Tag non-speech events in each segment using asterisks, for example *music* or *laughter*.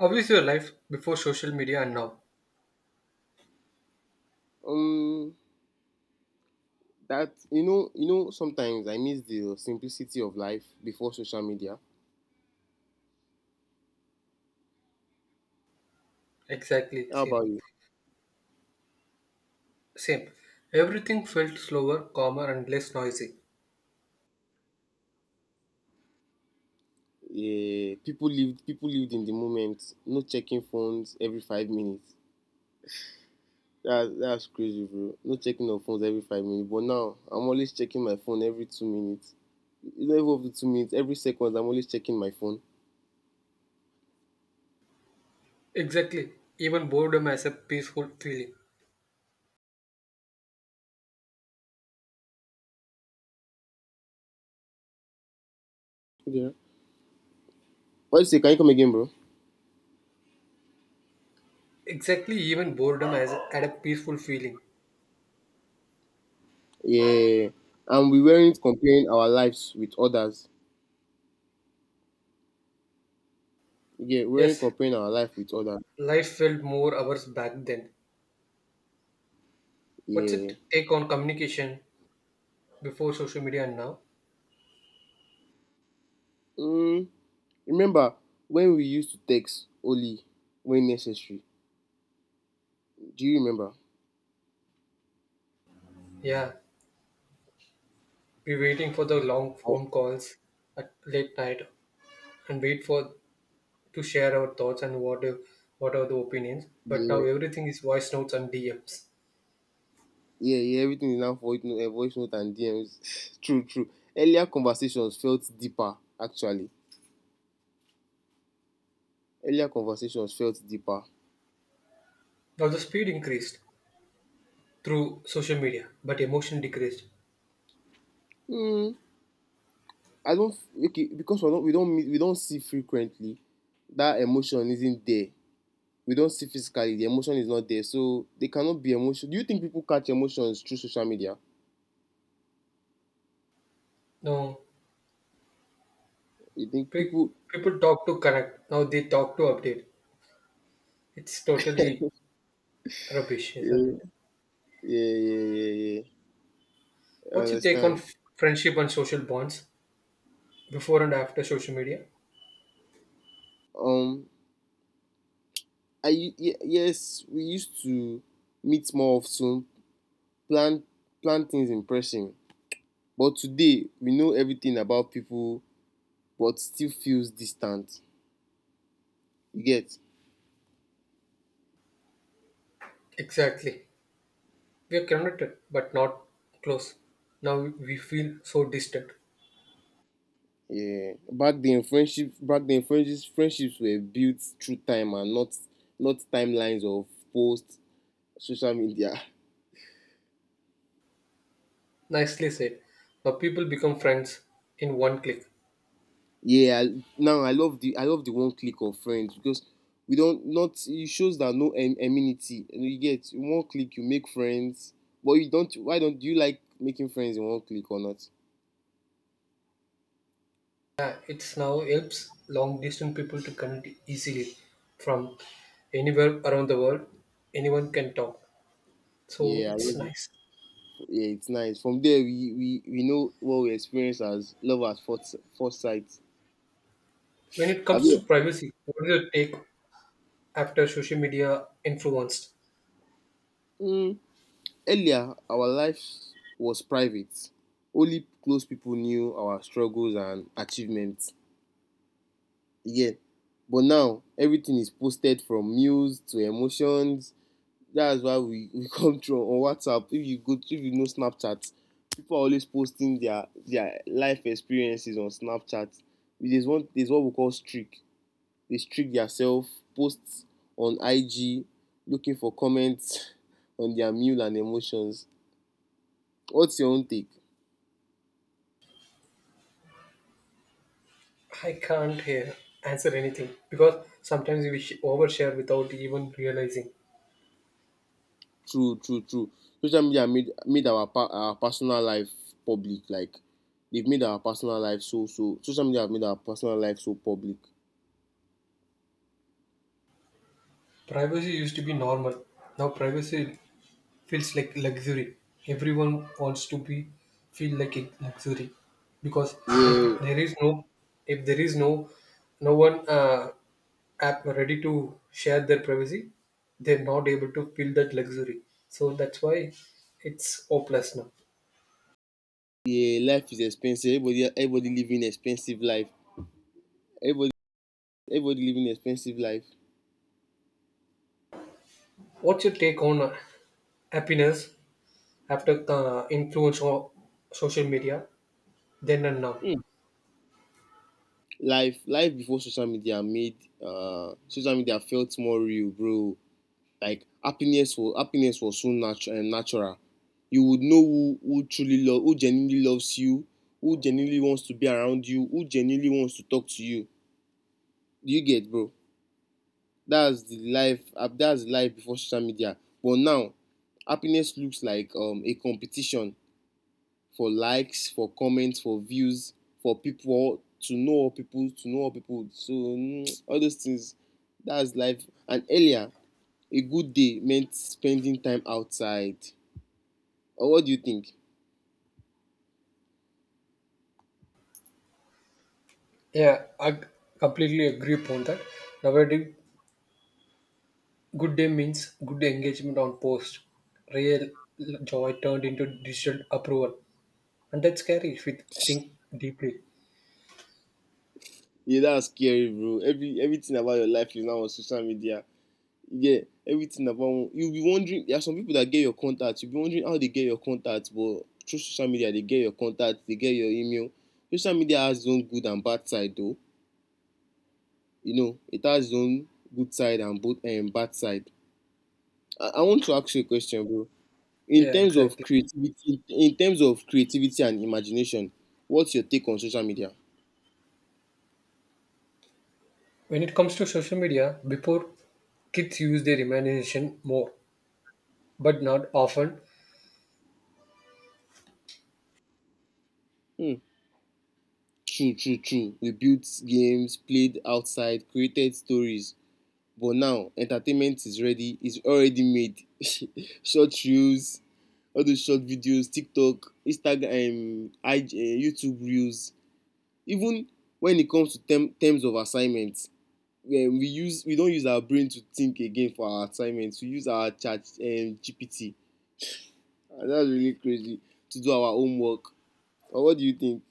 How is your life before social media and now? Um, that you know, you know. Sometimes I miss the simplicity of life before social media. Exactly, How same. about you? Same. Everything felt slower, calmer, and less noisy. Yeah, people lived. People lived in the moment. No checking phones every 5 minutes. That's crazy, bro. No checking of phones every 5 minutes. But now I'm always checking my phone every 2 minutes. Not even up to 2 minutes. Every second, I'm always checking my phone. Exactly. Even boredom has a peaceful feeling. Yeah. What you say? Can you come again, bro? Exactly, even boredom has had a peaceful feeling. Yeah. And we weren't comparing our lives with others. Yeah, we weren't Yes, comparing our life with others. life felt more hours back then. What's your Yeah. take on communication before social media and now? Mm, Remember when we used to text only when necessary? Do you remember? Yeah, we're waiting for the long Oh. phone calls at late night and wait for to share our thoughts and what if, what are the opinions. But now Yeah, everything is voice notes and DMs. yeah, yeah. Everything is now voice note and DMs. *laughs* True, true. Earlier conversations felt deeper, actually. Earlier conversations felt deeper. Now the speed increased through social media, but emotion decreased. Hmm. I don't f- okay because we don't meet, we don't see frequently. That emotion isn't there. We don't see physically. The emotion is not there, so they cannot be emotion. Do you think people catch emotions through social media? Now You think pe- people? people talk to connect. Now they talk to update. It's totally rubbish, isn't it? Yeah, yeah, yeah, yeah, yeah. I What's your take on understand. Friendship and social bonds before and after social media? um i ye- yes, we used to meet more of ten, plan plan things in person, but today we know everything about people but still feels distant. You get? Exactly. We are connected, but not close. Now we feel so distant. Yeah, back then friendships were built through time and not timelines of post, social media. *laughs* Nicely said. Now people become friends in one click. Yeah, now I love the one click of friends because we don't not it shows that no amenity. You know, you get one click, you make friends, but you don't. Why don't, do you like making friends in one click or not? It's now helps long distance people to connect easily from anywhere around the world. Anyone can talk. So Yeah, I it's love it. nice. Yeah, it's nice. From there, we know what we experience as love at first sight. When it Have comes to you, privacy, what do you take after social media influenced? mm, earlier, our lives was private. Only close people knew our struggles and achievements. Yeah. But now everything is posted, from news to emotions. That's why *laughs* we come through on WhatsApp. If you go, if you know Snapchat, people are always posting their life experiences on Snapchat. There's what we call streak. They streak themselves, posts on IG, looking for comments *laughs* on their meal and emotions. What's your own take? I can't hear, answer anything because sometimes we overshare without even realizing. True, true, true. Social media made made our personal life public, like they've made our personal life so so social media have made our personal life so public. Privacy used to be normal. Now privacy feels like luxury. Everyone wants to be feel like a luxury because if Yeah, there is no if there is no no one app ready to share their privacy, they're not able to feel that luxury. So that's why it's hopeless now. yeah. Life is expensive. Everybody living expensive life. everybody everybody living expensive life. What's your take on happiness after influence of social media then and now? Hmm. Life before social media made social media felt more real, bro. Like happiness was so natural. You would know who truly love, who genuinely loves you, who genuinely wants to be around you, who genuinely wants to talk to you. Do you get, bro? That's the life, that's life before social media. But now happiness looks like a competition for likes, for comments, for views, for people to know, people so all those things. That's life. And earlier, a good day meant spending time outside. Or what do you think? Yeah, I completely agree upon that. Nowadays, good day means good engagement on post. Real joy turned into digital approval. And that's scary if we think deeply. Yeah, that's scary, bro. Everything about your life is now on social media. Yeah, everything about, you'll be wondering. There are some people that get your contact. You'll be wondering how they get your contact, but through social media they get your contact, they get your email. Social media has its own good and bad side, though. You know, it has its own good side and both bad side. I want to ask you a question, bro. In Yeah, terms of exactly. creativity, and imagination, what's your take on social media? When it comes to social media, before kids use their imagination more, but not often. Hmm. True, true, true. We built games, played outside, created stories. But now entertainment is is already made. *laughs* Short reels, all those short videos, TikTok, Instagram, IG, YouTube reels. Even when it comes to terms of assignments, we don't use our brain to think again for our assignments. We use our chat GPT. And that's really crazy, to do our homework. But what do you think?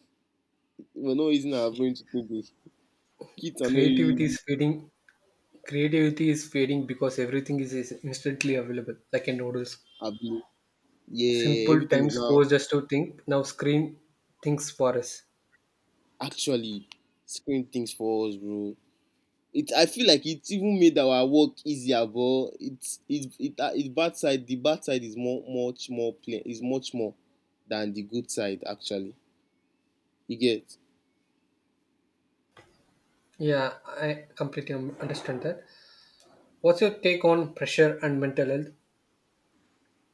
We're not using our brain to think. With. Kids are not Creativity really. is fading. Creativity is fading because everything is instantly available, like in noodles. Able. Yeah, Simple everything is times now forced us to think. Now screen thinks for us. actually screen things for us, bro. It I feel like it even made our work easier, but it's it it it bad side. The bad side is more much more plain is much more than the good side, actually. You get? Yeah, I completely understand that. What's your take on pressure and mental health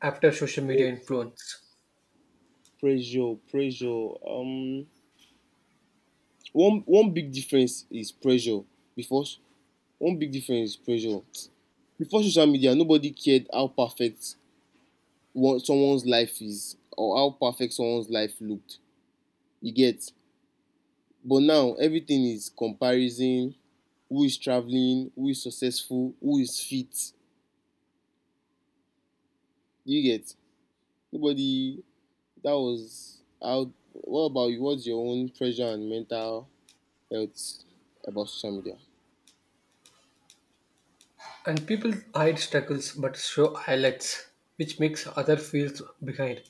after social media influence? Pressure. Um, One big difference is pressure. Before s- One big difference is pressure. Before social media, nobody cared how perfect one someone's life is, or how perfect someone's life looked. You get? But now everything is comparison. Who is traveling, who is successful, who is fit? You get? Nobody. That was how. What about you? What's your own pressure and mental health about social media? And people hide struggles but show highlights, which makes other feels behind.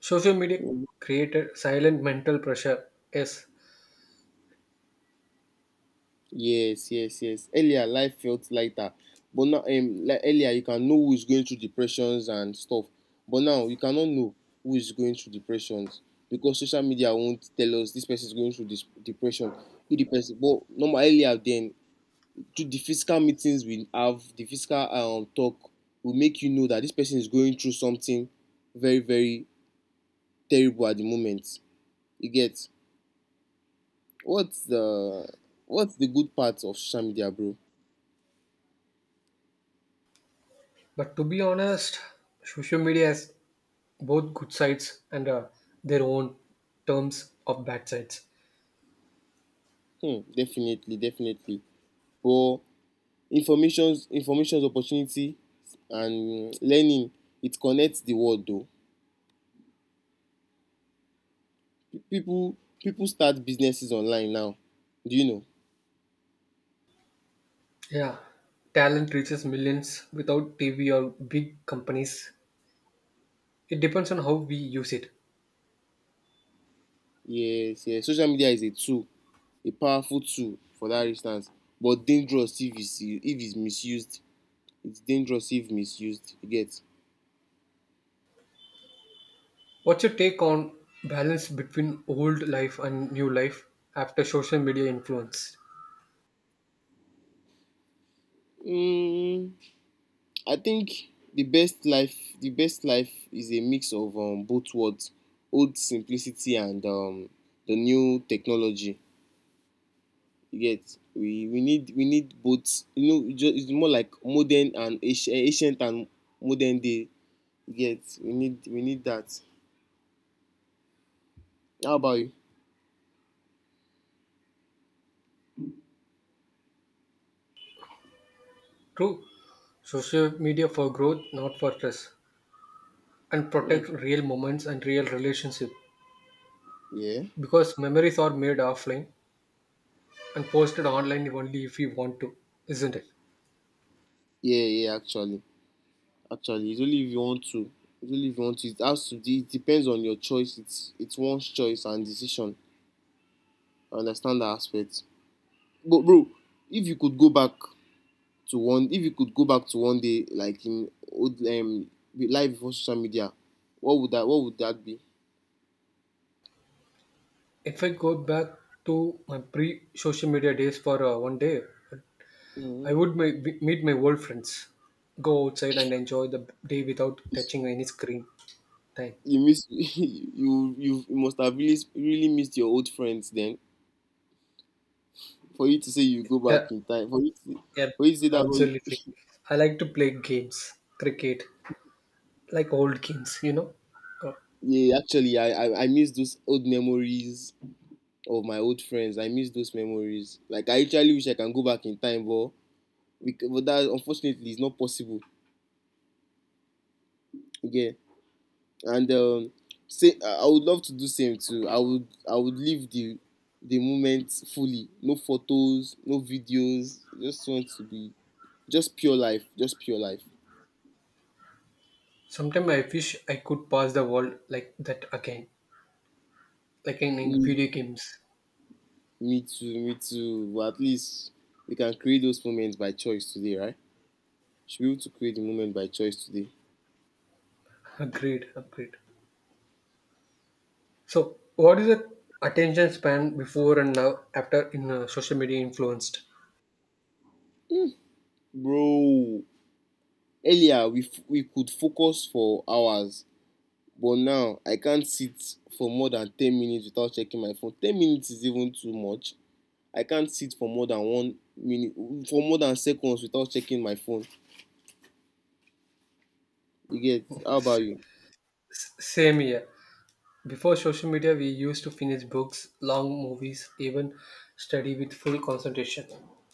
Social media created silent mental pressure, yes. Yes, yes, yes. Earlier life felt lighter, but now like earlier you can know who is going through depressions and stuff, but now you cannot know who is going through depressions, because social media won't tell us this person is going through this depression. If the person, but normal, earlier then, do the physical meetings we have, the physical talk will make you know that this person is going through something very, very terrible at the moment. You get? what's the what's the good part of social media, bro? But to be honest, social media has both good sides and their own terms of bad sides. Hmm, definitely, definitely. But information's opportunity and learning. It connects the world though. People People start businesses online now. Do you know? Yeah, talent reaches millions without TV or big companies. It depends on how we use it. Yes, yes. Social media is a tool, a powerful tool for that instance, but dangerous if it's misused. It's dangerous if misused. You get? What's your take on balance between old life and new life after social media influence? Mm, I think the best life is a mix of both worlds, old simplicity and the new technology. You get? We need both. You know, it just, it's more like modern and ancient, ancient and modern day. You get? We need that. How about you? True, social media for growth, not for stress, and Hmm. protect real moments and real relationship Yeah, because memories are made offline and posted online only if we want to, isn't it? yeah, yeah. Actually, actually, it's only if you want to. It's only if you want to. It has to. It depends on your choice. It's one's choice and decision. I understand that aspect. But bro, if you could go back to one, if you could go back to one day, like in old the life before social media, what would that be? If I go back to my pre-social media days for one day, I Mm-hmm. would meet my old friends, go outside and enjoy the day without touching any screen time. You miss, *laughs* you must have really, really missed your old friends then. For you to say you go Yeah, back in time, yep, for you to say that. absolutely. I like to play games, cricket, like old games, you know. Uh, Yeah, actually, I miss those old memories of my old friends. I miss those memories. Like I actually wish I can go back in time, but but that unfortunately is not possible. Yeah, and say, I would love to do same too. I would live the moment fully. No photos, no videos. Just want to be Just pure life. Just pure life. Sometimes I wish I could pass the world like that again, like in Me, video games. Me too. Me too. But at least we can create those moments by choice today, right? Should be able to create the moment by choice today. Agreed, agreed. So, what is the attention span before and now after in social media influenced? Bro, earlier we could focus for hours, but now I can't sit for more than 10 minutes without checking my phone. 10 minutes is even too much. I can't sit for more than 1 minute, for more than seconds without checking my phone. You get, how about you? Same here. Before social media, we used to finish books, long movies, even study with full concentration.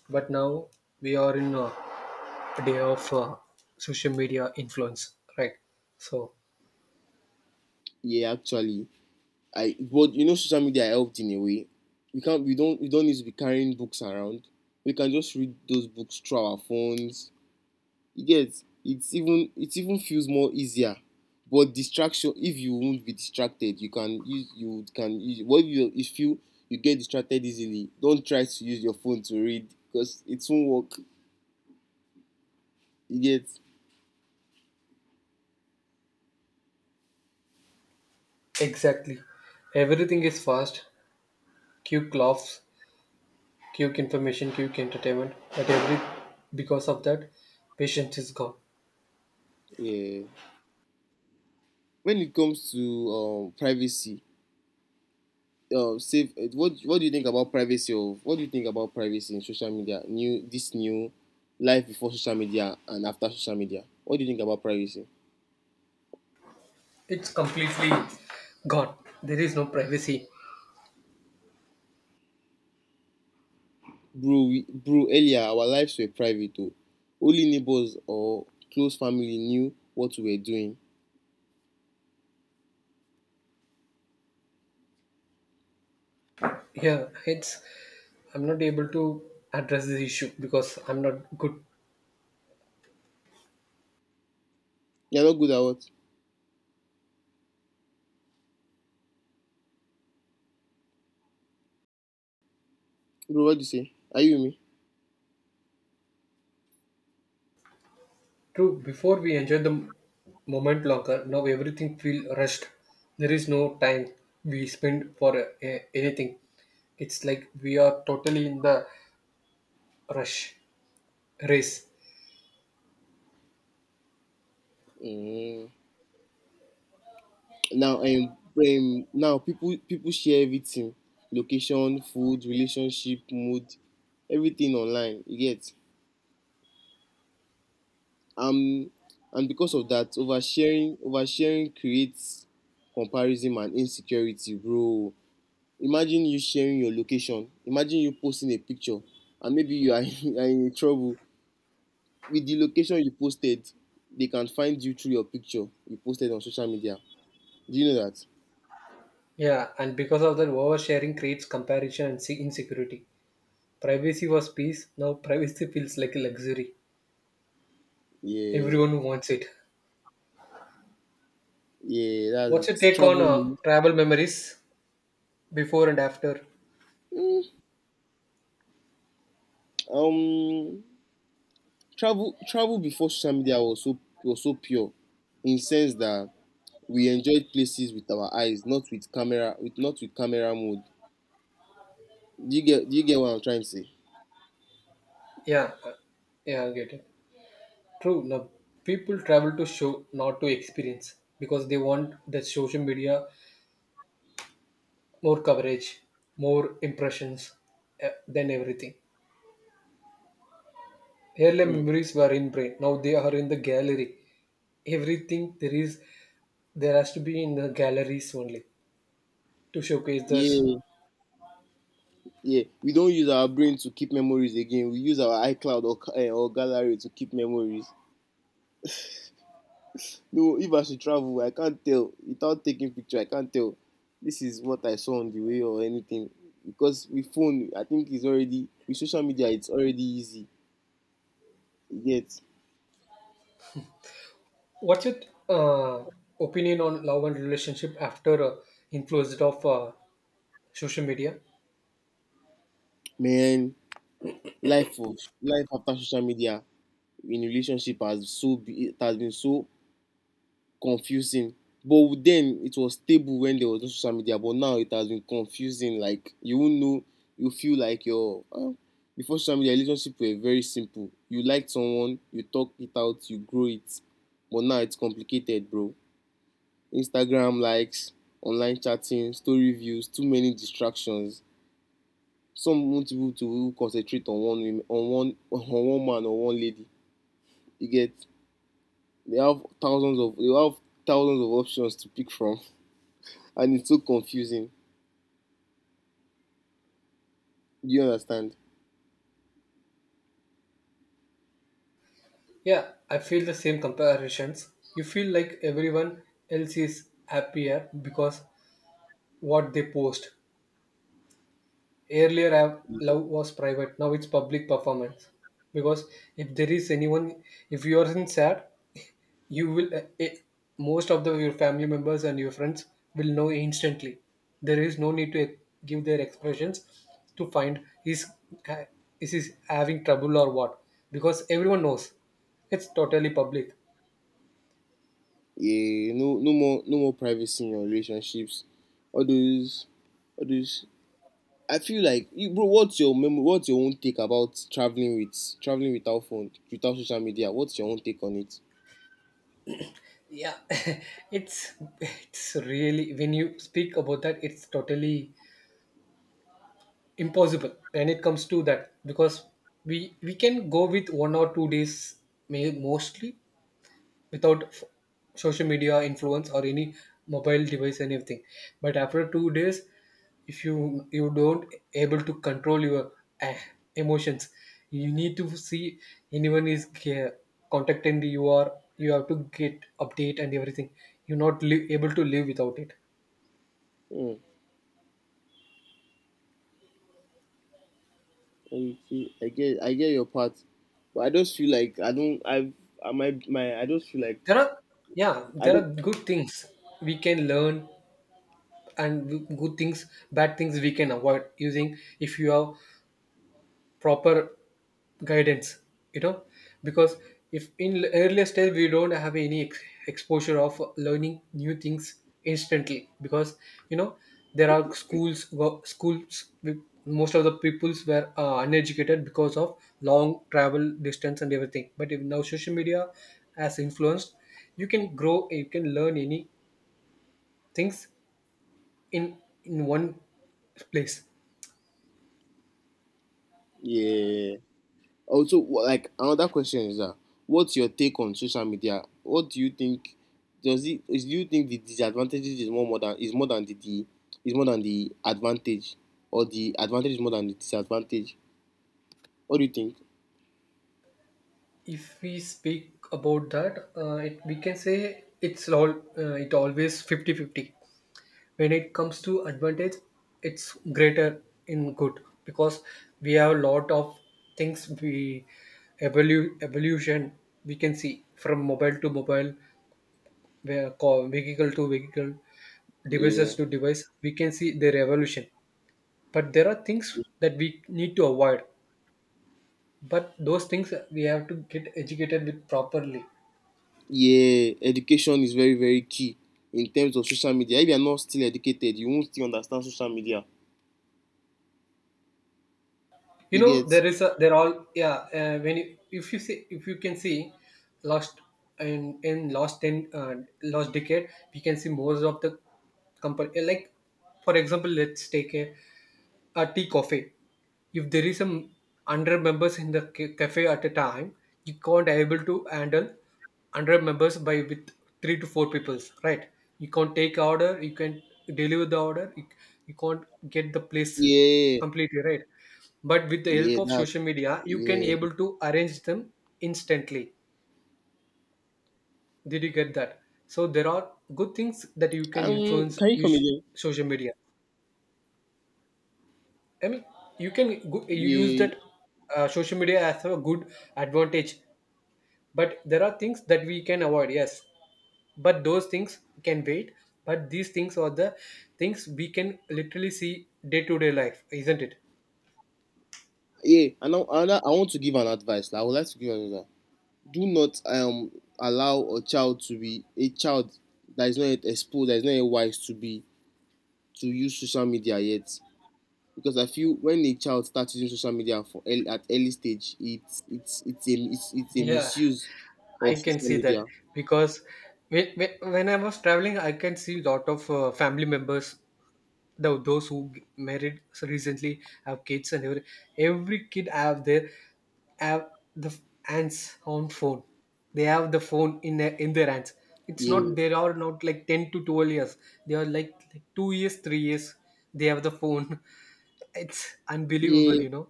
But now we are in day of social media influence, right? So, Yeah, actually, I, but you know, social media helped in a way. We don't need to be carrying books around. We can just read those books through our phones. You get? It's even, it even feels more easier, but distraction, if you won't be distracted, you can use, what you, if you you get distracted easily, don't try to use your phone to read because it won't work. You get? exactly. Everything is fast, quick laughs, quick information, quick entertainment, but every because of that, patience is gone. Yeah, when it comes to privacy, safe what do you think about privacy of what do you think about privacy in social media, new, this new life before social media and after social media, what do you think about privacy? It's completely gone. There is no privacy. Bro, earlier our lives were private. O only neighbors or close family knew what we were doing. Yeah, it's I'm not able to address this issue because I'm not good. You are not good at what, bro? What do you say? Are you with True, before we enjoy the moment longer, now everything feel rushed. There is no time we spend for anything. It's like we are totally in the rush race. me? Mm. Now now people share everything, location, food, relationship, mood, everything online. You get um and because of that oversharing creates comparison and insecurity, bro. Imagine you sharing your location, imagine you posting a picture and maybe you are *laughs* are in trouble with the location you posted. They can find you through your picture you posted on social media. Do you know that? Yeah, and because of that, oversharing creates comparison and insecurity. Privacy was peace. Now privacy feels like a luxury. Yeah, Everyone wants it. yeah, that's What's your it. take on Travel. travel memories before and after? mm, um travel before social media was so pure, in sense that we enjoyed places with our eyes, not with camera, with not with camera mode. Do you get what I'm trying to say? Yeah, yeah, I get it. True love. People travel to show, not to experience, because they want the social media more coverage, more impressions than everything. Earlier Mm, memories were in brain. Now they are in the gallery. Everything there is, there has to be in the galleries only to showcase this. yeah. Yeah, we don't use our brain to keep memories again. We use our iCloud or or gallery to keep memories. No, if I should travel, I can't tell without taking picture. I can't tell. This is what I saw on the way or anything, because with phone, I think it's already with social media, it's already easy. Yet, What's your uh, opinion on love and relationship after influenced of social media? man, life of life after social media in relationship it has been so confusing. But then it was stable when there was no social media, but now it has been confusing. Like you won't know, you feel like your before social media relationship were very simple. You liked someone, you talk it out, you grow it. But now it's complicated, bro. Instagram likes, online chatting, story views, too many distractions. Some want people to concentrate on one *laughs* on one man or one lady. You get, they have thousands of options to pick from, and it's so confusing. Do you understand? Yeah, I feel the same comparisons. You feel like everyone else is happier because what they post. Earlier, love was private. Now it's public performance. Because if there is anyone, if you are in sad, you will most of the your family members and your friends will know instantly. There is no need to give their expressions to find is is having trouble or what, because everyone knows it's totally public. Yeah, no more, no more privacy in your relationships. All those, all those. I feel like, you, bro, what's your memo? What's your own take about traveling without phone, without social media? What's your own take on it? Yeah, *laughs* it's it's really when you speak about that, it's totally impossible when it comes to that, because we can go with 1 or 2 days, may mostly without social media influence or any mobile device anything, but after 2 days, if you don't able to control your eh, emotions, you need to see anyone is contacting you, or you have to get update and everything, you're not able to live without it. Hmm, okay, I get your part, but I just feel like I don't. I just feel like There are Yeah, I there don't. are good things we can learn, and good things bad things we can avoid using if you have proper guidance, you know, because if in earlier stage we don't have any exposure of learning new things instantly, because you know, there are schools with most of the peoples were uneducated because of long travel distance and everything, but if now social media has influenced, you can grow, you can learn any things in in one place. Yeah. Also, like, another question is that, what's your take on social media? What do you think? Does it is do you think the disadvantages is more than is more than the is more than the advantage, or the advantage is more than the disadvantage? What do you think? If we speak about that, we can say it's all it always 50-50. When it comes to advantage, it's greater in good, because we have a lot of things we evolution, we can see from mobile to mobile, where vehicle to vehicle, devices Yeah, to device, we can see their evolution, but there are things that we need to avoid, but those things we have to get educated with properly. yeah, education is very, very key in terms of social media. If you are not still educated, you won't still understand social media. You You know, get? there is a they're all, yeah, when you, if you can see last in last 10, last decade, we can see most of the company, like for example, let's take a tea coffee. If there is some hundred members in the cafe at a time, you can't able to handle hundred members by with three to four peoples, right? You can't take order, you can deliver the order, you can't get the place Yeah, completely right. But with the help yeah, of that, social media, you can yeah. able to arrange them instantly. Did you get that? So there are good things that you can influence Can you come use again? social media. I mean, you can go, you use Yeah. that social media as a good advantage, but there are things that we can avoid. Yes, but those things can wait. But these things are the things we can literally see day to day life, isn't it? *laughs* Yeah, and now another, I want to give an advice. Like, I would like to give an advice. Do not allow a child that is not yet exposed, that is not yet wise to use social media yet. Because I feel when a child starts using social media for early, at early stage, it's a Yeah, misuse I of can social see media. that because when I was traveling, I can see lot of family members, those who married so recently have kids, and every kid have the hands on phone, they have the phone in their hands. It's Yeah, not, they are not like 10 to 12 years, they are like 2 years 3 years, they have the phone. *laughs* It's yeah, unbelievable, you know.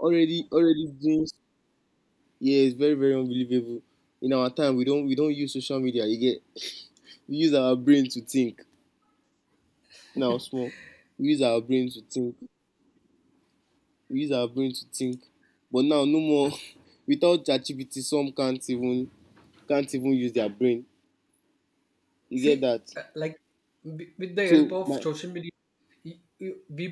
already, already doing. Yeah, it's very, very unbelievable. In our time, we don't use social media. You get, we use our brain to think. Na small, we use our brain to think. we use our brain to think but now, no more. *laughs* Without ChatGPT, some can't even use their brain. You See, get that? Like with the help So of my, social media, we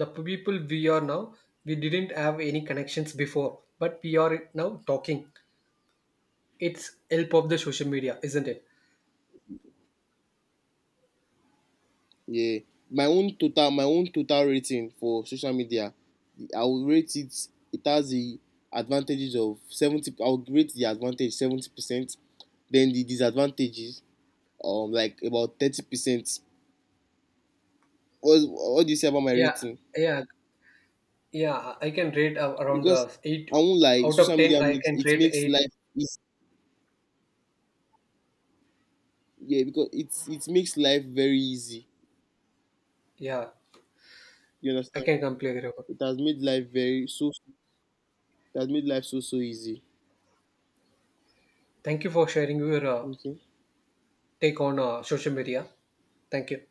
the people we are now, we didn't have any connections before, but we are now talking. It's help of the social media, isn't it? yeah, my own total rating for social media, I will rate it. It has the advantages of 70. I will rate the advantage 70%. Then the disadvantages, like about 30%. What do you say about my Yeah, rating? yeah, yeah. I can rate around Because I eight won't lie, out of social ten. media I makes can it rate makes eight. life easy. Yeah, because it makes life very easy. Yeah, You I understand? can completely agree. It has made life very so it has made life so, so easy. Thank you for sharing your Okay. take on social media. Thank you.